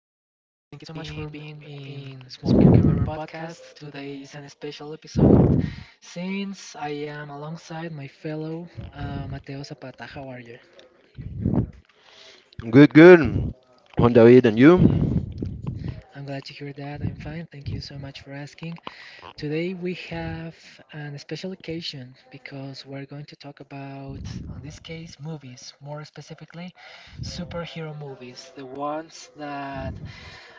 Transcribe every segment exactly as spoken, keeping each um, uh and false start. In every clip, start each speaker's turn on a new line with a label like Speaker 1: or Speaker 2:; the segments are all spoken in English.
Speaker 1: thank you so much for being in Smoke and Mirror podcast. Today is an special episode since I am alongside my fellow uh, Mateo Zapata. How are you?
Speaker 2: Good, good. Juan David, and you?
Speaker 1: I'm glad to hear that. I'm fine. Thank you so much for asking. Today we have an special occasion because we're going to talk about, in this case, movies, more specifically, superhero movies, the ones that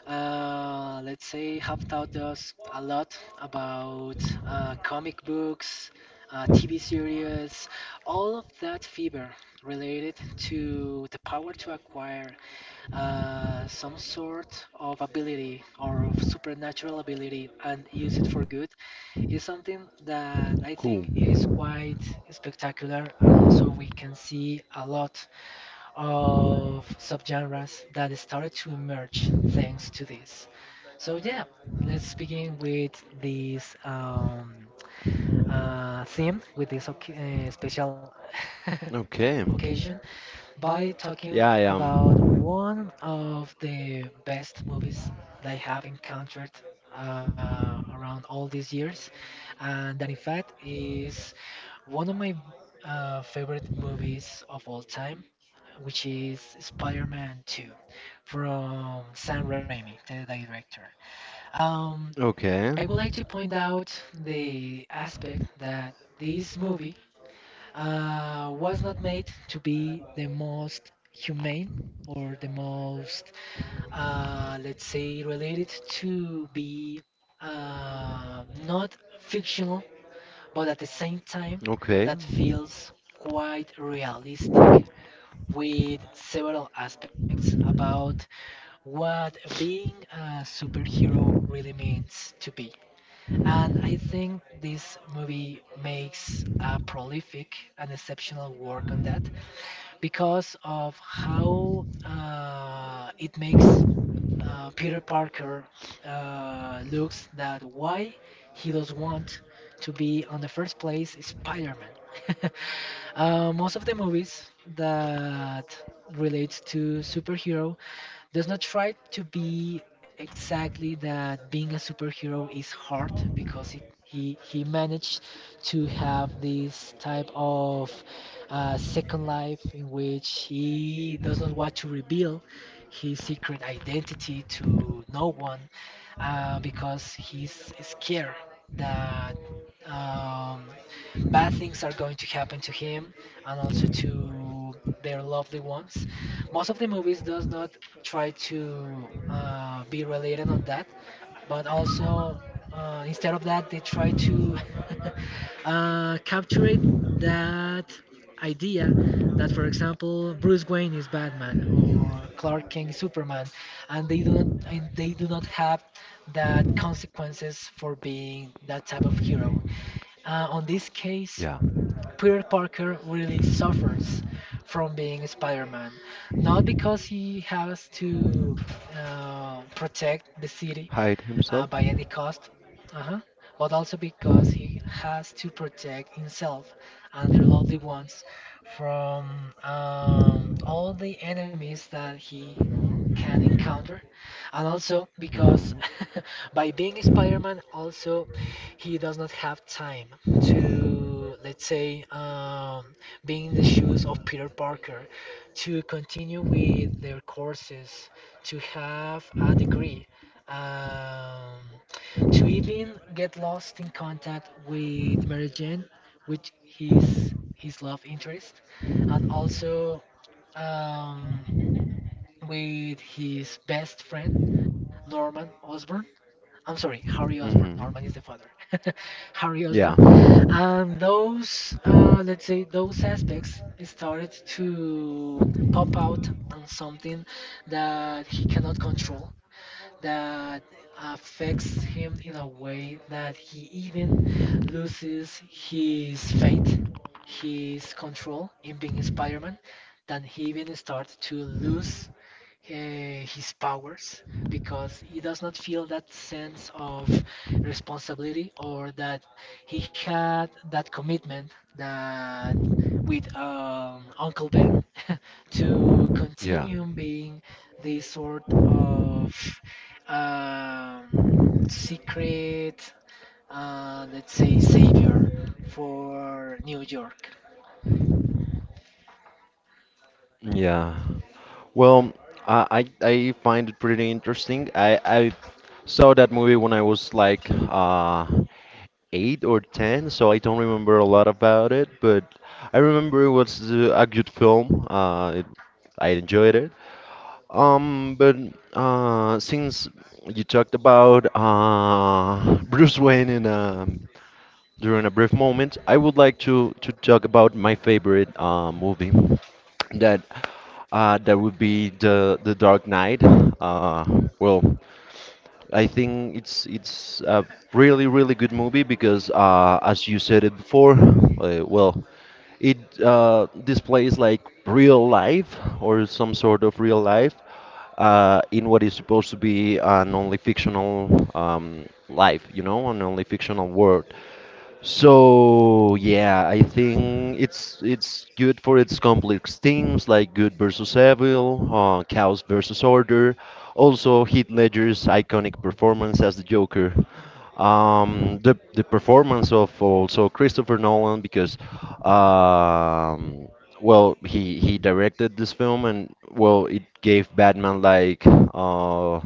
Speaker 1: Uh, let's say have taught us a lot about uh, comic books, uh, T V series, all of that fever related to the power to acquire uh, some sort of ability or of supernatural ability and use it for good is something that I
Speaker 2: Cool.
Speaker 1: think it is quite spectacular, and also we can see a lot of subgenres that started to emerge thanks to this. So yeah, let's begin with this um, uh, theme, with this oc- uh, special
Speaker 2: Okay.
Speaker 1: occasion by talking
Speaker 2: Yeah, I
Speaker 1: about
Speaker 2: am.
Speaker 1: one of the best movies that I have encountered uh, around all these years, and that in fact is one of my uh, favorite movies of all time, which is Spider-Man two from Sam Raimi, the director. Um, I would
Speaker 2: Okay.
Speaker 1: like to point out the aspect that this movie uh, was not made to be the most humane or the most, uh, let's say, related to be uh, not fictional, but at the same time,
Speaker 2: Okay.
Speaker 1: that feels quite realistic with several aspects about what being a superhero really means to be. And I think this movie makes a prolific and exceptional work on that because of how uh, it makes uh, Peter Parker uh, looks that why he does want to be on the first place is Spider-Man. Uh, most of the movies that relates to superhero does not try to be exactly that being a superhero is hard because he he, he managed to have this type of uh, second life in which he does not want to reveal his secret identity to no one uh, because he's scared that um, bad things are going to happen to him and also to their lovely ones. Most of the movies does not try to uh, be related on that, but also uh, instead of that they try to uh, capture it, that idea that for example Bruce Wayne is Batman or Clark Kent is Superman, and they do not and they do not have that consequences for being that type of hero. Uh, on this
Speaker 2: Yeah.
Speaker 1: case, Peter Parker really suffers from being Spider-Man, not because he has to uh, protect the city
Speaker 2: Hide himself.
Speaker 1: uh, by any cost, uh-huh, but also because he has to protect himself and their lovely ones from um, all the enemies that he can encounter, and also because
Speaker 2: Hmm.
Speaker 1: by being Spider-Man, also he does not have time to, let's say, um, being in the shoes of Peter Parker, to continue with their courses, to have a degree, um, to even get lost in contact with Mary Jane, which is his love interest, and also um, with his best friend Norman Osborn. I'm sorry, Harry Osborn.
Speaker 2: Hmm.
Speaker 1: Norman is the father. Harry Osborn,
Speaker 2: Yeah.
Speaker 1: and those, uh, let's say, those aspects started to pop out on something that he cannot control that affects him in a way that he even loses his faith, his control in being Spider-Man, then he even starts to lose uh, his powers because he does not feel that sense of responsibility or that he had that commitment that with um, Uncle Ben to
Speaker 2: Yeah.
Speaker 1: continue being this sort of um, secret, uh, let's say, savior for New York.
Speaker 2: Yeah. Well, I, I I find it pretty interesting. I I saw that movie when I was like uh eight or ten, so I don't remember a lot about it, but I remember it was uh, a good film. Uh, it, I enjoyed it. Um, but uh, since you talked about uh, Bruce Wayne in a, during a brief moment, I would like to to talk about my favorite uh, movie. That uh, that would be the the Dark Knight. Uh, well, I think it's it's a really really good movie because uh, as you said it before, uh, well, it uh, displays like real life or some sort of real life uh, in what is supposed to be an only fictional um, life, you know, an only fictional world. So yeah, I think it's it's good for its complex themes like good versus evil, uh, chaos versus order. Also, Heath Ledger's iconic performance as the Joker. Um, the the performance of also Christopher Nolan because, um, well, he he directed this film, and well, it gave Batman like uh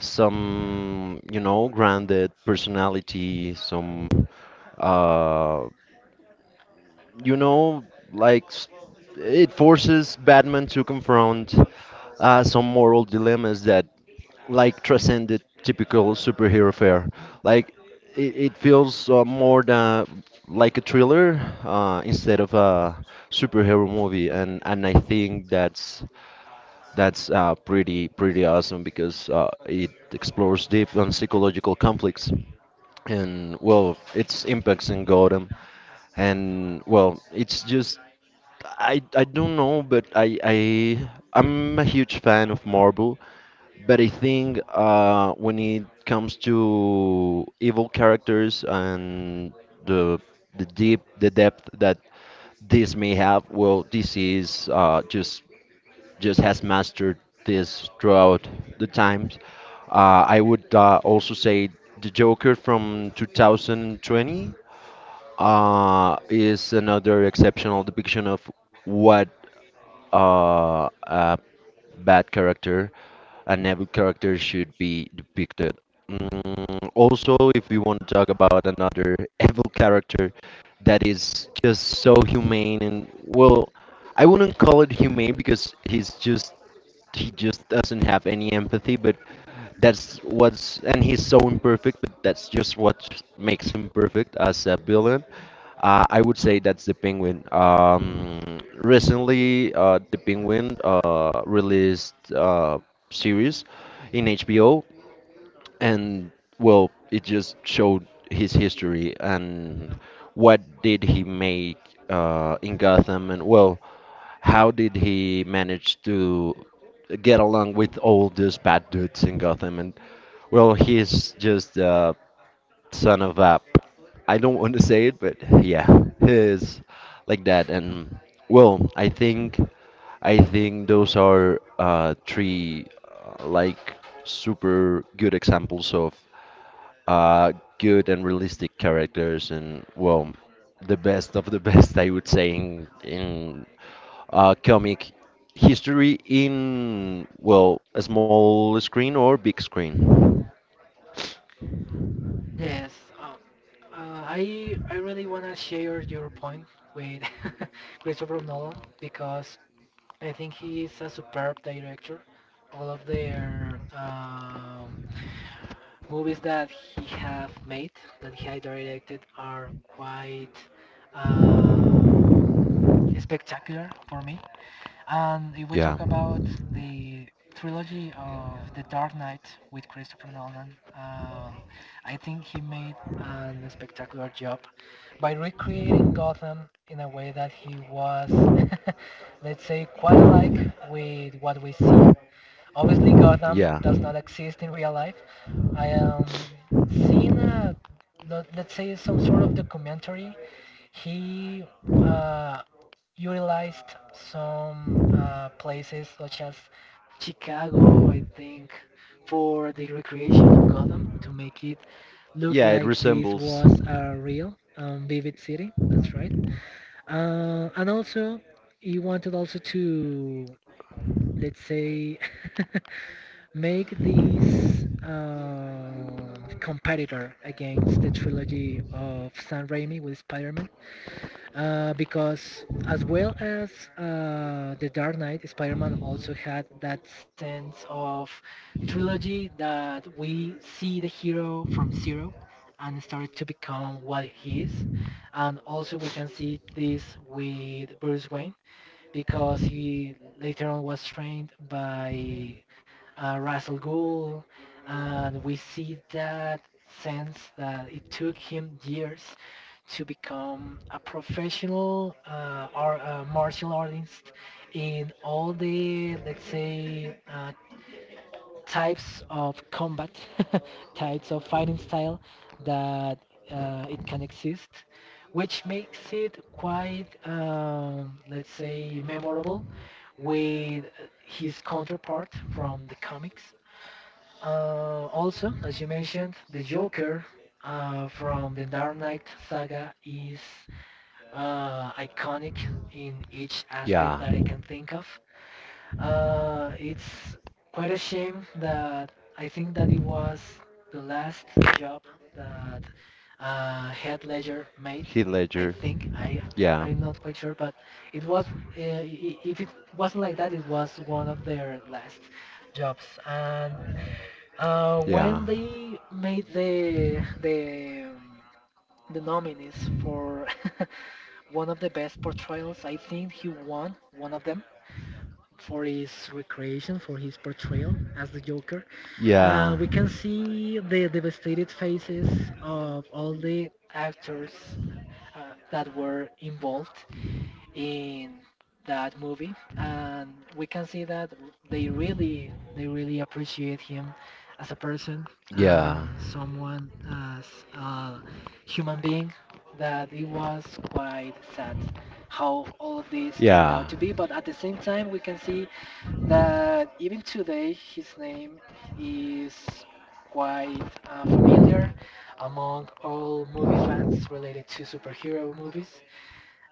Speaker 2: some you know grounded personality, some uh, you know, like s- it forces Batman to confront uh, some moral dilemmas that like transcend the typical superhero fare. Like it, it feels uh, more than like a thriller uh, instead of a superhero movie, and and I think that's that's uh, pretty pretty awesome because uh, it explores deep on psychological conflicts and well its impacts in Gotham. And well it's just i i don't know, but i i i'm a huge fan of Marvel. But i think uh when it comes to evil characters and the the deep the depth that this may have, well, DC is uh just just has mastered this throughout the times. uh i would uh, also say the Joker from two thousand twenty uh, is another exceptional depiction of what uh, a bad character, an evil character should be depicted. Mm, also, if we want to talk about another evil character that is just so humane, and well, I wouldn't call it humane because he's just he just doesn't have any empathy, but that's what's and he's so imperfect, but that's just what makes him perfect as a villain. Uh, I would say that's the Penguin. Um, recently uh, the Penguin uh, released uh, series in H B O, and well, it just showed his history and what did he make uh, in Gotham, and well, how did he manage to get along with all these bad dudes in Gotham, and well, he's just uh, son of a, I don't want to say it, but yeah, he's like that. And well, I think I think those are uh, three uh, like super good examples of uh, good and realistic characters, and well, the best of the best, I would say, in, in uh, comic history in, well, a small screen or big screen.
Speaker 1: Yes, um, uh, I I really wanna share your point with Christopher Nolan because I think he is a superb director. All of their um, movies that he have made, that he had directed, are quite um spectacular for me. And if we
Speaker 2: Yeah,
Speaker 1: talk about the trilogy of The Dark Knight with Christopher Nolan, um, I think he made an spectacular job by recreating Gotham in a way that he was, let's say, quite alike with what we see. Obviously, Gotham
Speaker 2: yeah,
Speaker 1: does not exist in real life. I am seeing a, let- let's say, some sort of documentary. He uh, utilized some uh, places such as Chicago, I think, for the recreation of Gotham to make it look
Speaker 2: yeah. It
Speaker 1: like this
Speaker 2: resembles.
Speaker 1: was a real um, vivid city. That's right. Uh, and also, he wanted also to, let's say, make this um competitor against the trilogy of Sam Raimi with Spider-Man uh, because as well as uh, the Dark Knight, Spider-Man also had that sense of trilogy that we see the hero from zero and started to become what he is. And also we can see this with Bruce Wayne because he later on was trained by uh, Russell Gould, and we see that sense that it took him years to become a professional uh, or uh, martial artist in all the let's say uh, types of combat, types of fighting style that uh, it can exist, which makes it quite, um, let's say, memorable with uh, his counterpart from the comics. Uh, also, as you mentioned, the Joker uh, from the Dark Knight saga is uh, iconic in each aspect
Speaker 2: Yeah.
Speaker 1: that I can think of. Uh, it's quite a shame that I think that it was the last job that uh, Head Ledger made.
Speaker 2: Heath
Speaker 1: I
Speaker 2: Ledger.
Speaker 1: think I
Speaker 2: Yeah.
Speaker 1: I'm not quite sure, but it was uh, i- if it wasn't like that, it was one of their last jobs. And uh,
Speaker 2: Yeah.
Speaker 1: when they made the the um, the nominees for one of the best portrayals, I think he won one of them for his recreation, for his portrayal as the Joker. Uh,
Speaker 2: Yeah.
Speaker 1: we can see the devastated faces of all the actors uh, that were involved in that movie, and we can see that they really, they really appreciate him as a person and
Speaker 2: Yeah.
Speaker 1: someone as a human being. That it was quite sad how all of this turned out
Speaker 2: Yeah.
Speaker 1: to be, but at the same time, we can see that even today his name is quite uh, familiar among all movie fans related to superhero movies.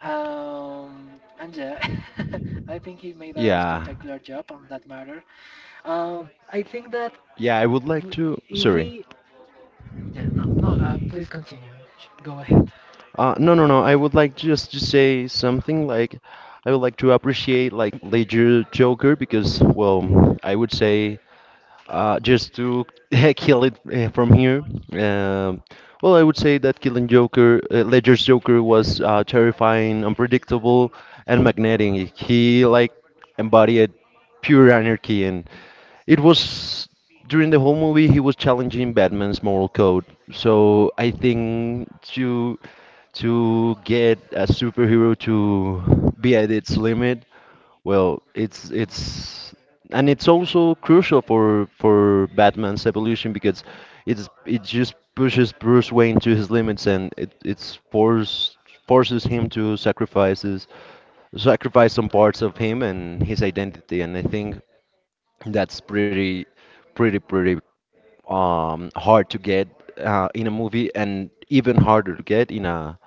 Speaker 1: Um, and yeah, I think he made an
Speaker 2: Yeah,
Speaker 1: spectacular job on that matter. Um, I think that
Speaker 2: Yeah, I would
Speaker 1: w-
Speaker 2: like to,
Speaker 1: if we,
Speaker 2: sorry.
Speaker 1: yeah, no, no, uh, please continue. Sh- Go ahead.
Speaker 2: Uh no, no, no, I would like just to say something like I would like to appreciate like Ledger Joker because, well, I would say, Uh, just to kill it uh, from here, um, well, I would say that Killing Joker, uh, Ledger's Joker, was uh, terrifying, unpredictable, and magnetic. He like embodied pure anarchy, and it was during the whole movie he was challenging Batman's moral code. So I think to to get a superhero to be at its limit, well, it's it's and it's also crucial for for Batman's evolution because it's it just pushes Bruce Wayne to his limits, and it it's force forces him to sacrifices sacrifice some parts of him and his identity, and I think that's pretty pretty pretty um hard to get uh, in a movie and even harder to get in a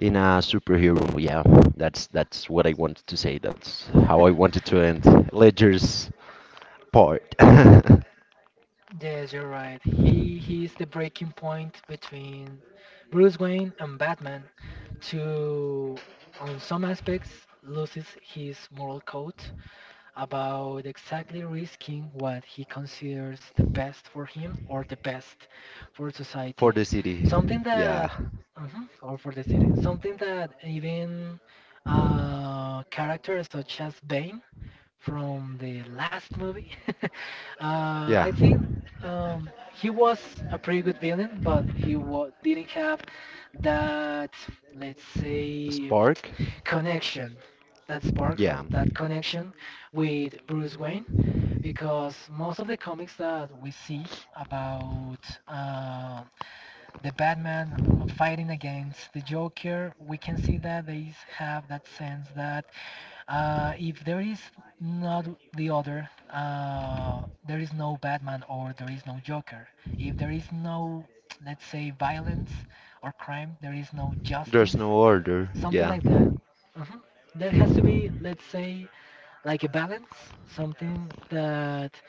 Speaker 2: in a superhero. Yeah, that's that's what I wanted to say, that's how I wanted to end Ledger's part.
Speaker 1: Yes, you're right. He he is the breaking point between Bruce Wayne and Batman to, on some aspects, loses his moral code about exactly risking what he considers the best for him or the best for
Speaker 2: For
Speaker 1: society.
Speaker 2: the city.
Speaker 1: Something
Speaker 2: Yeah.
Speaker 1: that, mhm, or for the city, something that even a character such as Bane from the last movie. uh, I
Speaker 2: Yeah.
Speaker 1: think um, he was a pretty good villain, but he wa- didn't have that, let's
Speaker 2: The
Speaker 1: say,
Speaker 2: spark.
Speaker 1: connection, that spark or
Speaker 2: Yeah.
Speaker 1: that connection with Bruce Wayne, because most of the comics that we see about uh, the Batman fighting against the Joker, we can see that they have that sense that uh, if there is not the other, uh, there is no Batman or there is no Joker. If there is no, let's say, violence or crime, there is no
Speaker 2: There's
Speaker 1: justice,
Speaker 2: no order.
Speaker 1: something
Speaker 2: Yeah.
Speaker 1: like that. Mhm. There has to be, let's say, like a balance, something that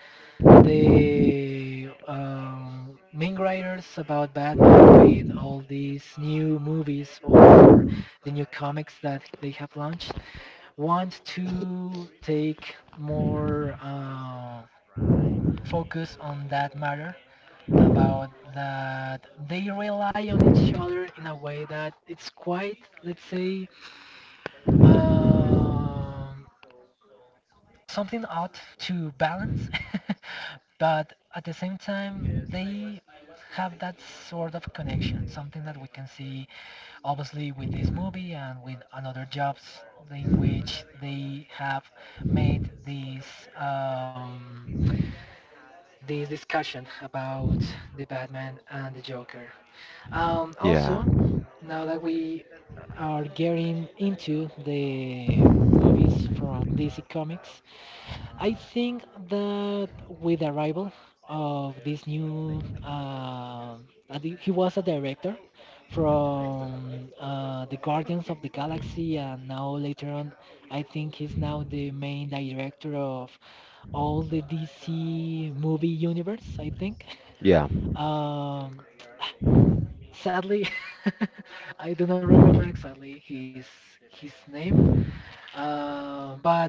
Speaker 1: the um, main writers about Batman with all these new movies or the new comics that they have launched want to take more uh, focus on that matter about that they rely on each other in a way that it's quite let's say um, something ought to balance but at the same time they have that sort of connection, something that we can see obviously with this movie and with another jobs in which they have made this um, this discussion about the Batman and the Joker. Um,
Speaker 2: Yeah.
Speaker 1: also, now that we are getting into the movies from D C Comics, I think that with the arrival of this new, um, and he he was a director from uh, the Guardians of the Galaxy, and now later on, I think he's now the main director of all the D C movie universe. I think.
Speaker 2: Yeah.
Speaker 1: Um, sadly, I do not remember exactly his his name, uh, but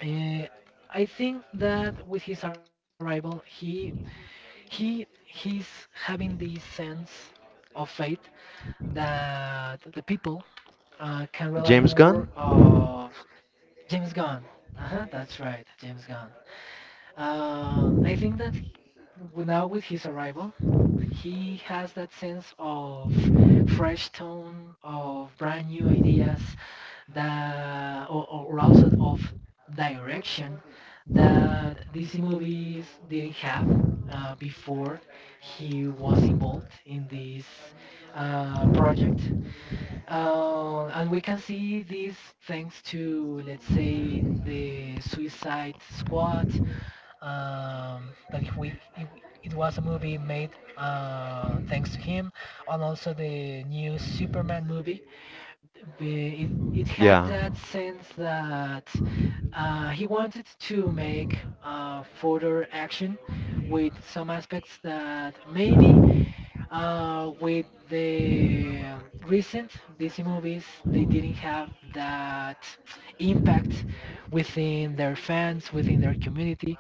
Speaker 1: Uh, I think that with his arrival, he he he's having this sense of faith that the people uh, can rely
Speaker 2: James
Speaker 1: more
Speaker 2: Gunn.
Speaker 1: of James Gunn. Uh-huh, that's right, James Gunn. Um, I think that he- now with his arrival, he has that sense of fresh tone, of brand new ideas, that or, or also of direction that D C movies didn't have uh, before he was involved in this uh, project. Uh, and we can see this thanks to, let's say, the Suicide Squad, um, that if we, it, it was a movie made uh, thanks to him, and also the new Superman movie be- it, it had
Speaker 2: Yeah.
Speaker 1: that sense that uh, he wanted to make uh, further action with some aspects that maybe uh, with the recent D C movies they didn't have that impact within their fans, within their community,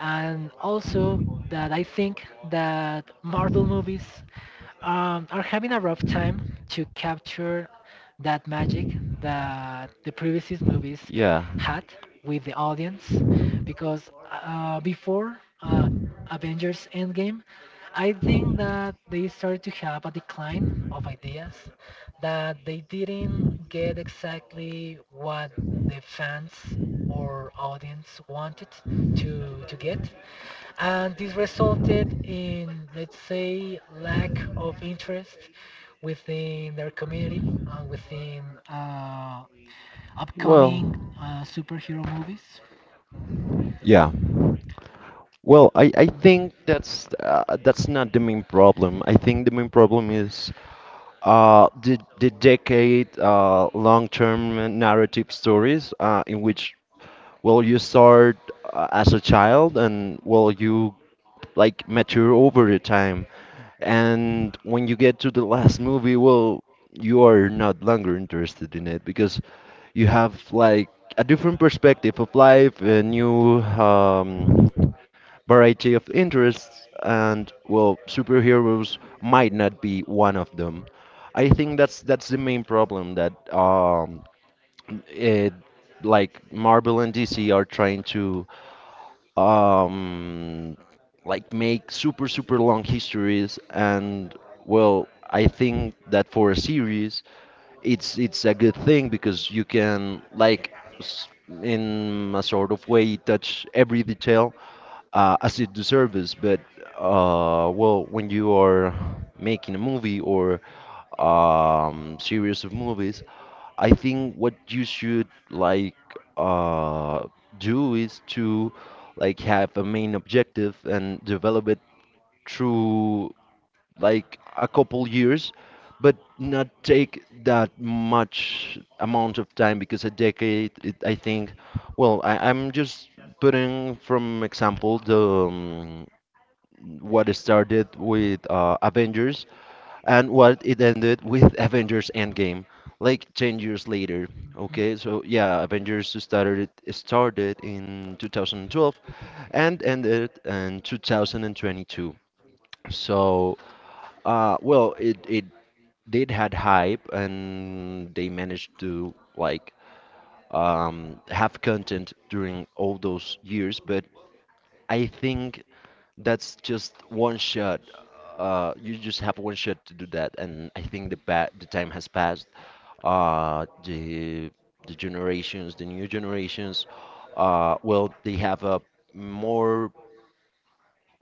Speaker 1: and also that I think that Marvel movies um, are having a rough time to capture that magic that the previous movies
Speaker 2: Yeah.
Speaker 1: had with the audience because uh, before uh, Avengers Endgame, I think that they started to have a decline of ideas, that they didn't get exactly what the fans or audience wanted to to get, and this resulted in, let's say, lack of interest within their community and within uh,
Speaker 2: you know, Well,
Speaker 1: upcoming
Speaker 2: the,
Speaker 1: uh, superhero movies.
Speaker 2: yeah. Well, I, I
Speaker 1: Mhm,
Speaker 2: think that's uh, that's not the main problem. I think the main problem is uh, the the decade uh, long-term narrative stories uh, in which well you start uh, as a child, and well you like mature over the time. And when you get to the last movie, well, you are not longer interested in it because you have like a different perspective of life, a new um, variety of interests, and well, superheroes might not be one of them. I think that's that's the main problem, that um, it, like Marvel and D C are trying to um like make super super long histories, and well i think that for a series it's it's a good thing because you can like s- in a sort of way touch every detail uh, as it deserves. But uh, well when you are making a movie or um, series of movies, i think what you should like uh, do is to like have a main objective and develop it through like a couple years, but not take that much amount of time because a decade, it, I think, well, I, I'm just putting from example the um, what started with uh, Avengers and what it ended with Avengers Endgame. Like ten years later,
Speaker 1: mhm,
Speaker 2: okay? So yeah, Avengers started started in twenty twelve and ended in twenty twenty-two. So uh, well, it it did had hype, and they managed to like um, have content during all those years. But I think that's just one shot. Uh, you just have one shot to do that, and I think the pa the time has passed. Uh, the the generations, the new generations, uh, well, they have a more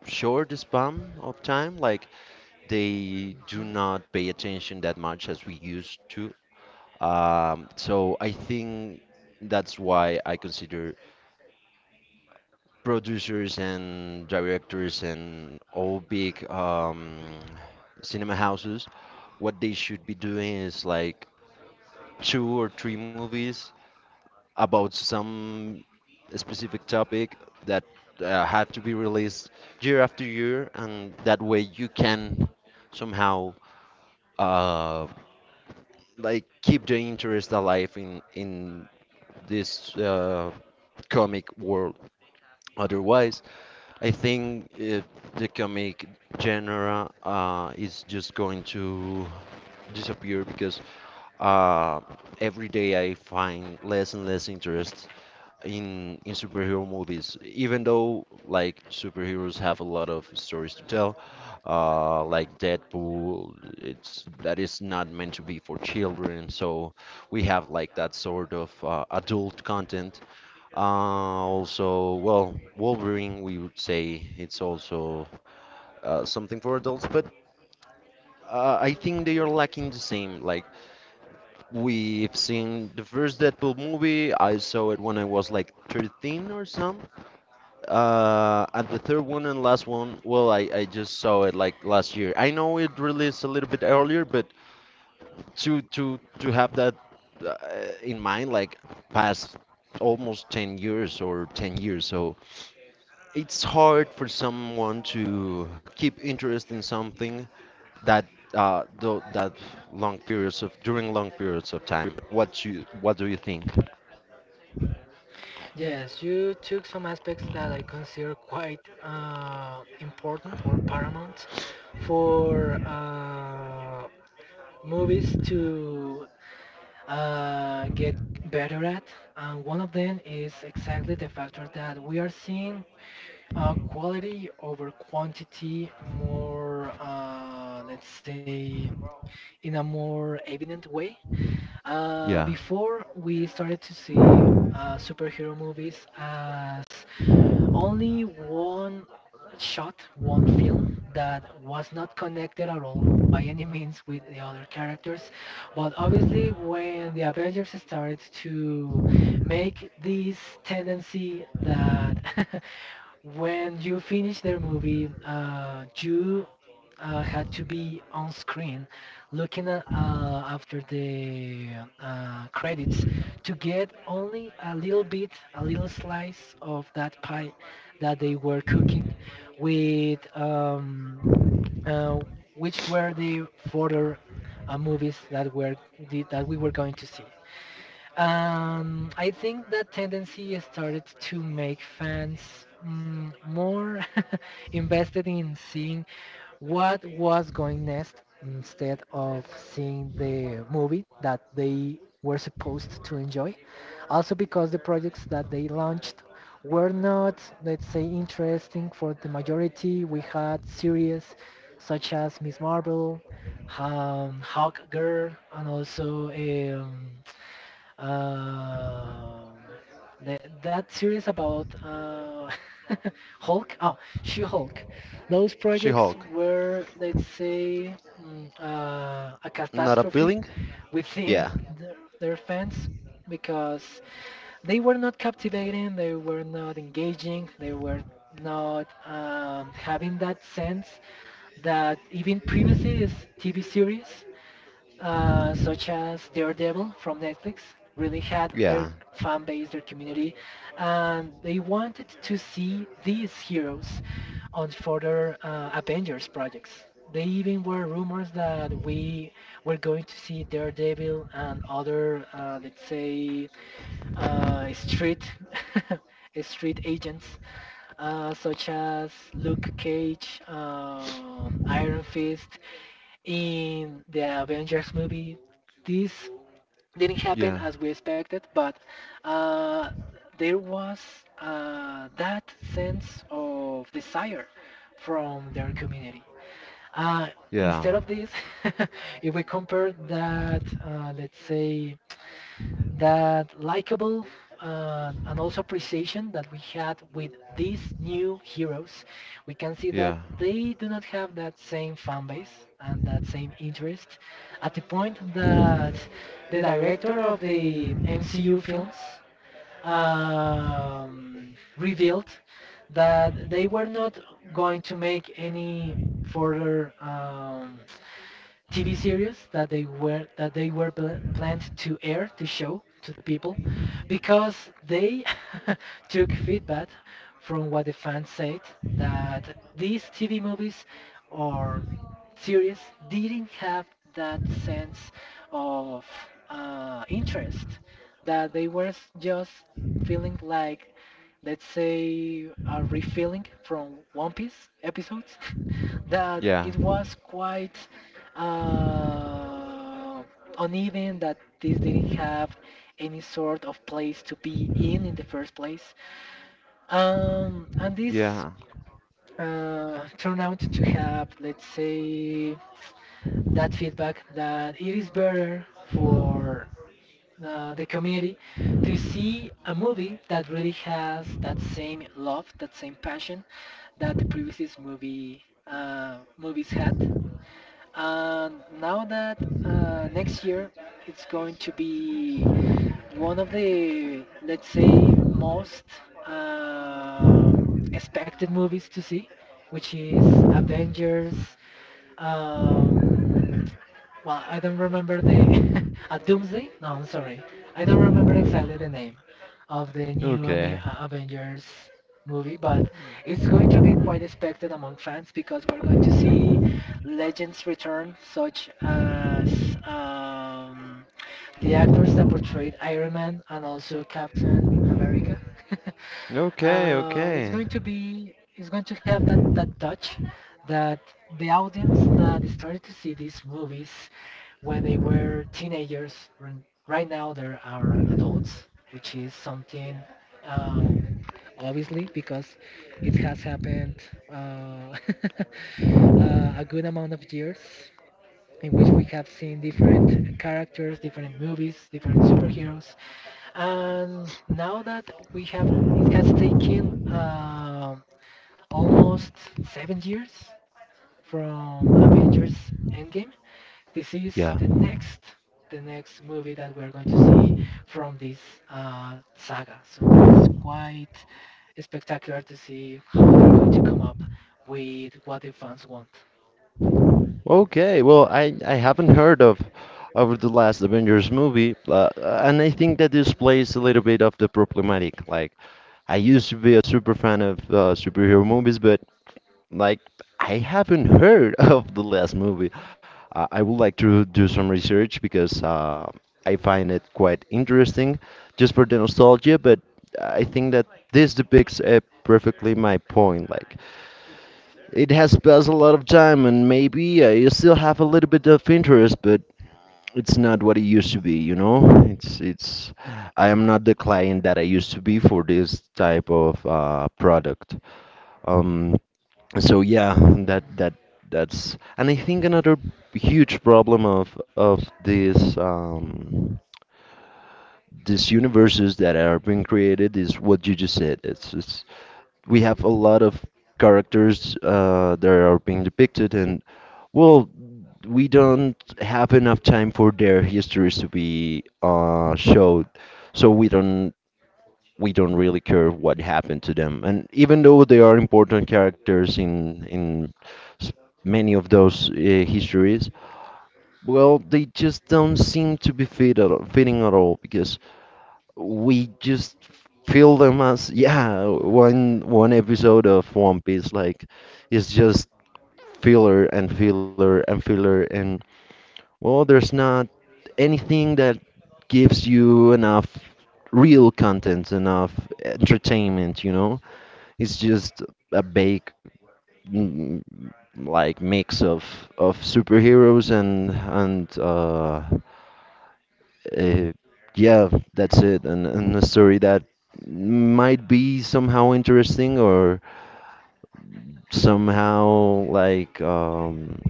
Speaker 2: short span of time. Like, they do
Speaker 1: mhm.
Speaker 2: not pay attention that much as we used to. Um, so I think that's why I consider producers and directors and all big um, cinema houses, what they should be doing is like two or three movies about some specific topic that uh, have to be released year after year, and that way you can somehow uh, like keep the interest alive in in this uh, comic world. Otherwise, I think uh the comic genre uh, is just going to disappear because uh, every day I find less and less interest in in superhero movies, even though like superheroes have a lot of stories to tell, uh like Deadpool, it's that is not meant to be for children, so we have like that sort of uh, adult content, uh also well Wolverine we would say it's also uh, something for adults, but uh, I think they are lacking the same. Like, we've seen the first Deadpool movie, I saw it when I was like thirteen or so. Uh, and the third one and last one, well, I, I just saw it like last year. I know it released a little bit earlier, but to to to have that uh, in mind, like past almost ten years or ten years, so it's hard for someone to keep interest in something that uh tho- that long periods of during long periods of time. What you what do you think?
Speaker 1: Yes, you took some aspects that I consider quite uh, important or paramount for uh, movies to uh, get better at. And one of them is exactly the factor that we are seeing. Uh, quality over quantity, more, uh, let's say, in a more evident way. Uh,
Speaker 2: Yeah.
Speaker 1: before, we started to see uh, superhero movies as only one shot, one film that was not connected at all by any means with the other characters. But obviously, when the Avengers started to make this tendency that when you finish their movie, uh, you uh, had to be on screen looking at, uh, after the uh, credits, to get only a little bit, a little slice of that pie that they were cooking with um, uh, which were the further uh, movies that were the, that we were going to see. Um, I think that tendency started to make fans mm, more invested in seeing what was going next instead of seeing the movie that they were supposed to enjoy. Also because the projects that they launched were not, let's say, interesting for the majority. We had series such as Miss Marvel, um, Hawkgirl, and also um, um, le- that series about uh, Hulk, oh, She-Hulk. Those projects
Speaker 2: She-Hulk,
Speaker 1: were, let's say, mm, uh, a
Speaker 2: not
Speaker 1: catastrophe
Speaker 2: appealing? Yeah,
Speaker 1: within their, their fans because they were not captivating, they were not engaging, they were not um, having that sense that even previously is T V series uh, such as Daredevil from Netflix, really had
Speaker 2: yeah,
Speaker 1: their fan base, their community, and they wanted to see these heroes on further uh, Avengers projects. They even were rumors that we were going to see Daredevil and other, uh, let's say, uh, street street agents, uh, such as Luke Cage, um, Iron Fist, in the Avengers movie. This didn't
Speaker 2: yeah,
Speaker 1: happen as we expected, but uh, there was uh, that sense of desire from their community. Uh,
Speaker 2: yeah.
Speaker 1: instead of this, if we compare that, uh, let's say, that likable uh, and also precision that we had with these new heroes, we can see that
Speaker 2: Yeah.
Speaker 1: they do not have that same fan base and that same interest, at the point that the director of the M C U films um, revealed that they were not going to make any further um, T V series that they were that they were pl- planned to air, to show to the people, because they took feedback from what the fans said, that these T V movies or series didn't have that sense of uh, interest, that they were s- just feeling like, let's say, a refilling from One Piece episodes that
Speaker 2: Yeah.
Speaker 1: it was quite uh, uneven, that this didn't have any sort of place to be in in the first place. Um, and this
Speaker 2: Yeah.
Speaker 1: uh, turned out to have, let's say, that feedback that it is better for uh, the community to see a movie that really has that same love, that same passion that the previous movie uh, movies had. And now that uh, next year it's going to be one of the, let's say, most um expected movies to see, which is Avengers um, well, I don't remember the a Doomsday. No, I'm sorry. I don't remember exactly the name of the new Ame-
Speaker 2: Okay.
Speaker 1: uh, Avengers movie, but it's going to be quite expected among fans because we're going to see legends return, such as um, the actors that portrayed Iron Man and also Captain America.
Speaker 2: Okay,
Speaker 1: uh, it's
Speaker 2: okay.
Speaker 1: going to be it's going to have that that touch that the audience that started to see these movies when they were teenagers. Right now, they are adults, which is something uh, obviously, because it has happened uh, uh, a good amount of years in which we have seen different characters, different movies, different superheroes, and now that we have, it has taken uh, almost seven years from Avengers Endgame, this is
Speaker 2: Yeah.
Speaker 1: the next the next movie that we're going to see from this uh, saga. So it's quite spectacular to see how they're going to come up with what the fans want.
Speaker 2: Okay. Well, I I haven't heard of of the last Avengers movie, uh, and I think that displays a little bit of the problematic. Like, I used to be a super fan of uh, superhero movies, but like I haven't heard of the last movie. Uh, I would like to do some research because uh, I find it quite interesting just for the nostalgia, but I think that this depicts uh, perfectly my point. Like, it has passed a lot of time, and maybe I still have a little bit of interest, but it's not what it used to be, you know? It's, it's, I am not the client that I used to be for this type of uh, product. Um, so yeah, that
Speaker 1: Mm,
Speaker 2: that that's and i think another huge problem of of these um these universes that are being created is what you just said. It's, it's We have a lot of characters uh that are being depicted, and well we don't have enough time for their histories to be uh showed, so we don't we don't really care what happened to them. And even though they are important characters in in many of those uh, histories, well, they just don't seem to be fit at all, fitting at all because we just feel them as, yeah, one one episode of One Piece. Like, is just filler and filler and filler, and well, there's not anything that gives you enough real content, enough entertainment, you know? It's just a big mm, like mix of of superheroes and and uh, uh yeah, that's it. And and a story that might be somehow interesting or somehow like um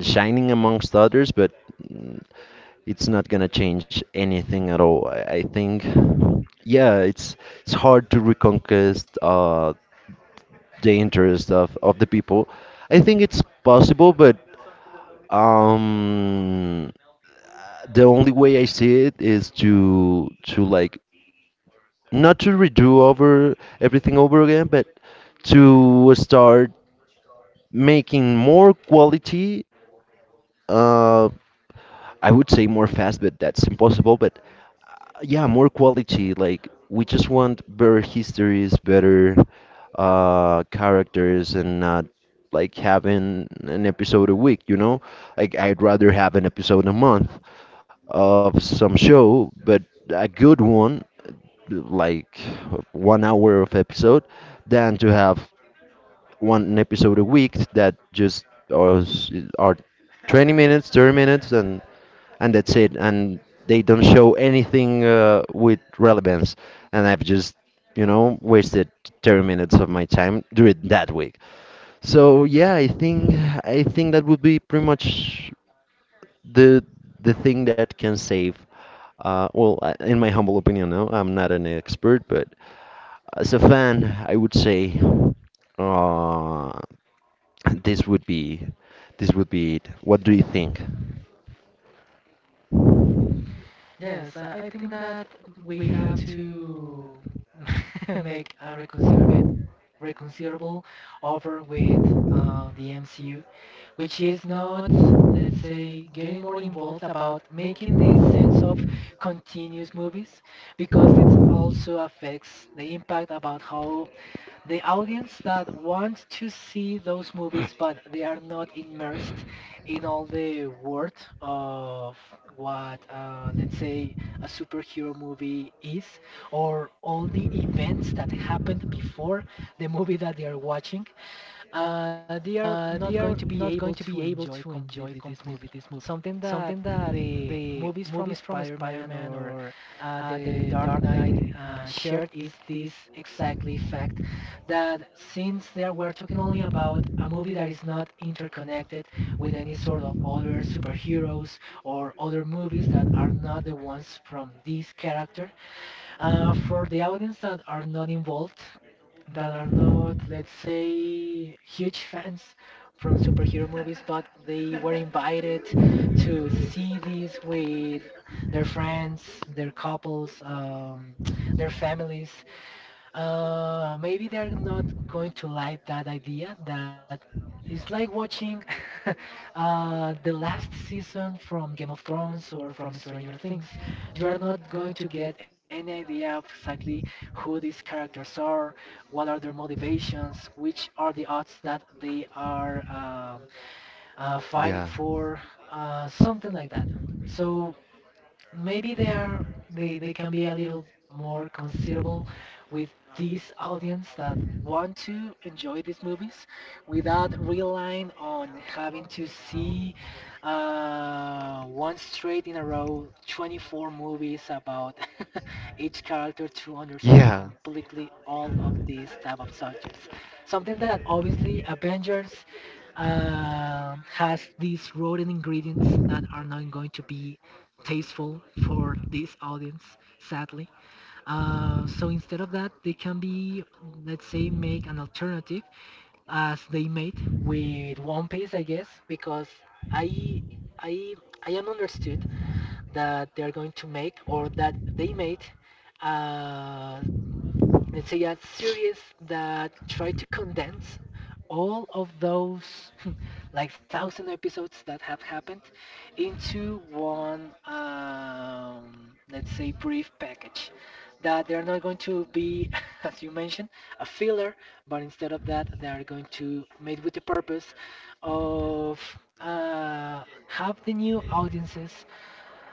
Speaker 2: shining amongst others, but it's not gonna change anything at all. I, I think, yeah, it's it's hard to reconquest uh the interest of, of the people. I think it's possible, but um, the only way I see it is to to like not to redo over everything over again, but to start making more quality. Uh, I would say more fast, but that's impossible. But uh, yeah, more quality. Like, we just want better histories, better uh characters, and not like having an episode a week. You know, like I'd rather have an episode a month of some show, but a good one, like one hour of episode, than to have one episode a week that just was, are twenty minutes, thirty minutes, and and that's it. And they don't show anything uh, with relevance. And I've just, you know, wasted thirty minutes of my time during that week. So yeah, I think I think that would be pretty much the the thing that can save. Uh, well, I- in my humble opinion, no, I'm not an expert, but as a fan, I would say, uh, This would be this would be it. What do you think?
Speaker 1: Yes, I, I think that we have to make a reconcilable reconcilable offer with uh, the M C U, which is not, let's say, getting more involved about making this sense of continuous movies, because it also affects the impact about how the audience that want to see those movies but they are not immersed in all the world of what, uh, let's say, a superhero movie is, or all the events that happened before the movie that they are watching, uh, they are not going to be able to enjoy completely this movie. Something that the movies from Spider-Man or uh, the Dark Knight uh, shared is this exactly fact, that since they are, we're talking only about a movie that is not interconnected with any sort of other superheroes or other movies that are not the ones from this character, uh, for the audience that are not involved, that are not, let's say, huge fans from superhero movies, but they were invited to see these with their friends, their couples, um, their families, uh, maybe they're not going to like that idea, that it's like watching uh, the last season from Game of Thrones or from Stranger Things. You are not going to get any idea of exactly who these characters are, what are their motivations, which are the odds that they are um, uh, fighting
Speaker 2: Yeah.
Speaker 1: for, uh, something like that. So maybe they are they, they can be a little more considerable with this audience that want to enjoy these movies without relying on having to see uh, one straight in a row twenty-four movies about each character to understand
Speaker 2: Yeah,
Speaker 1: completely all of these type of subjects, something that obviously Avengers uh, has these rotten ingredients that are not going to be tasteful for this audience, sadly. Uh, so instead of that, they can be, let's say, make an alternative as they made with One Piece, I guess, because I, I, I am understood that they are going to make or that they made uh, let's say a series that try to condense all of those like thousand episodes that have happened into one um, let's say brief package, that they're not going to be as you mentioned a filler, but instead of that they are going to made with the purpose of uh, have the new audiences,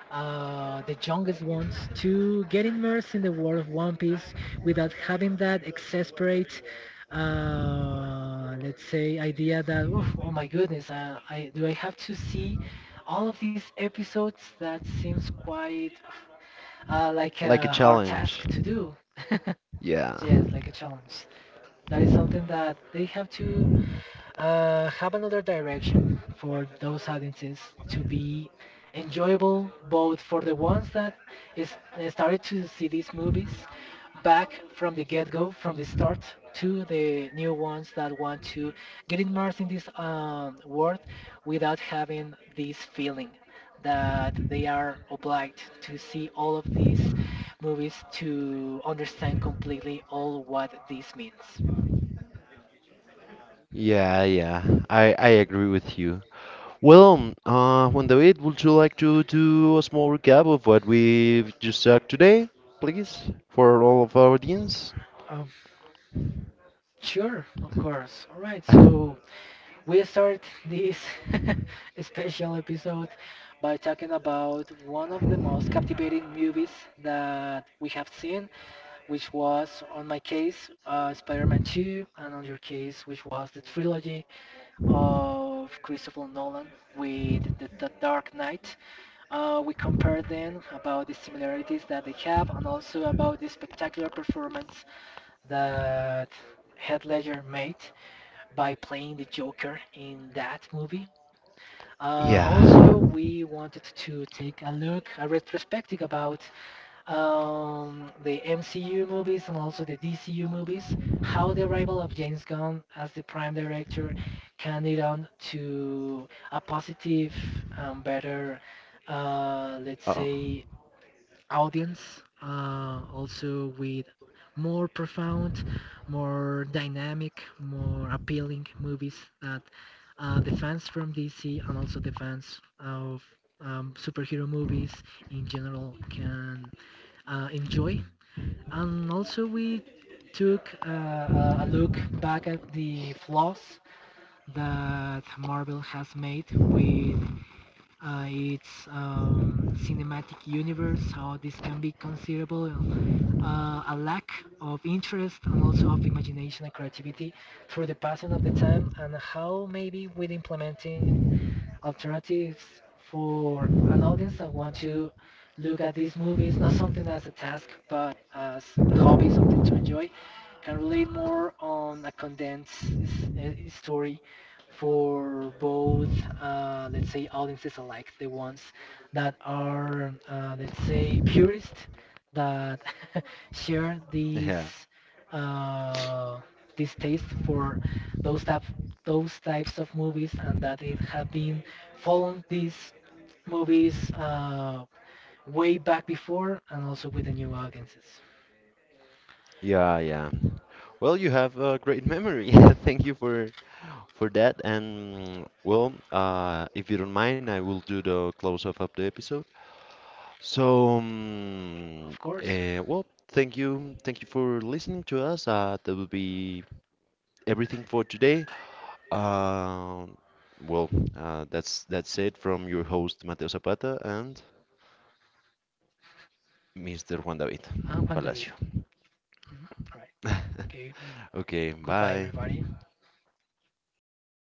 Speaker 1: uh, the youngest ones, to get immersed in the world of One Piece without having that exasperate, uh, let's say, idea that "Oof, oh my goodness, uh, I do I have to see all of these episodes? That seems quite uh, like a
Speaker 2: like a
Speaker 1: hard task
Speaker 2: challenge.
Speaker 1: to do."
Speaker 2: Yeah.
Speaker 1: Yes, like a challenge. That is something that they have to uh, have another direction for those audiences to be enjoyable, both for the ones that is uh, started to see these movies back from the get-go, from the start, to the new ones that want to get immersed in this um, world without having this feeling that they are obliged to see all of these movies to understand completely all what this means.
Speaker 2: Yeah, yeah. I I agree with you. Well, um, uh, Juan David, would you like to do a small recap of what we've just talked today, please, for all of our audience?
Speaker 1: um, Sure, of course. All right, so we start this special episode by talking about one of the most captivating movies that we have seen, which was, on my case, uh, Spider-Man two, and on your case, which was the trilogy of Christopher Nolan with the, the Dark Knight. Uh, we compared them about the similarities that they have and also about the spectacular performance that Heath Ledger made by playing the Joker in that movie. Uh,
Speaker 2: Yeah.
Speaker 1: also, we wanted to take a look, a retrospective about um, the M C U movies and also the D C U movies, how the arrival of James Gunn as the prime director can lead on to a positive and better, uh, let's
Speaker 2: Oh,
Speaker 1: say, audience, uh, also with more profound, more dynamic, more appealing movies that uh, the fans from D C and also the fans of um, superhero movies in general can uh, enjoy. And also we took uh, a a look back at the flaws that Marvel has made with uh, its um, cinematic universe, how this can be considerable uh, a lack of interest and also of imagination and creativity through the passing of the time, and how maybe with implementing alternatives for an audience that want to look at these movies, not something as a task, but as a hobby, something to enjoy, can relate more on a condensed s- uh, story for both, uh, let's say, audiences alike, the ones that are, uh, let's say, purists that share these
Speaker 2: yeah.
Speaker 1: uh, this taste for those type those types of movies and that it have been following these movies uh, way back before, and also with the new audiences.
Speaker 2: Yeah, yeah. Well, you have a great memory. Thank you for for that. And well, uh, if you don't mind, I will do the close off of the episode. So,
Speaker 1: Of
Speaker 2: um,
Speaker 1: course,
Speaker 2: uh, well, thank you, thank you for listening to us. Uh, that will be everything for today. Um, well, uh, that's that's it from your host Mateo Zapata and Mister Juan David
Speaker 1: I'm Juan
Speaker 2: Palacio.
Speaker 1: David. Mhm. All right. Okay.
Speaker 2: Okay,
Speaker 1: Goodbye,
Speaker 2: bye.
Speaker 1: everybody.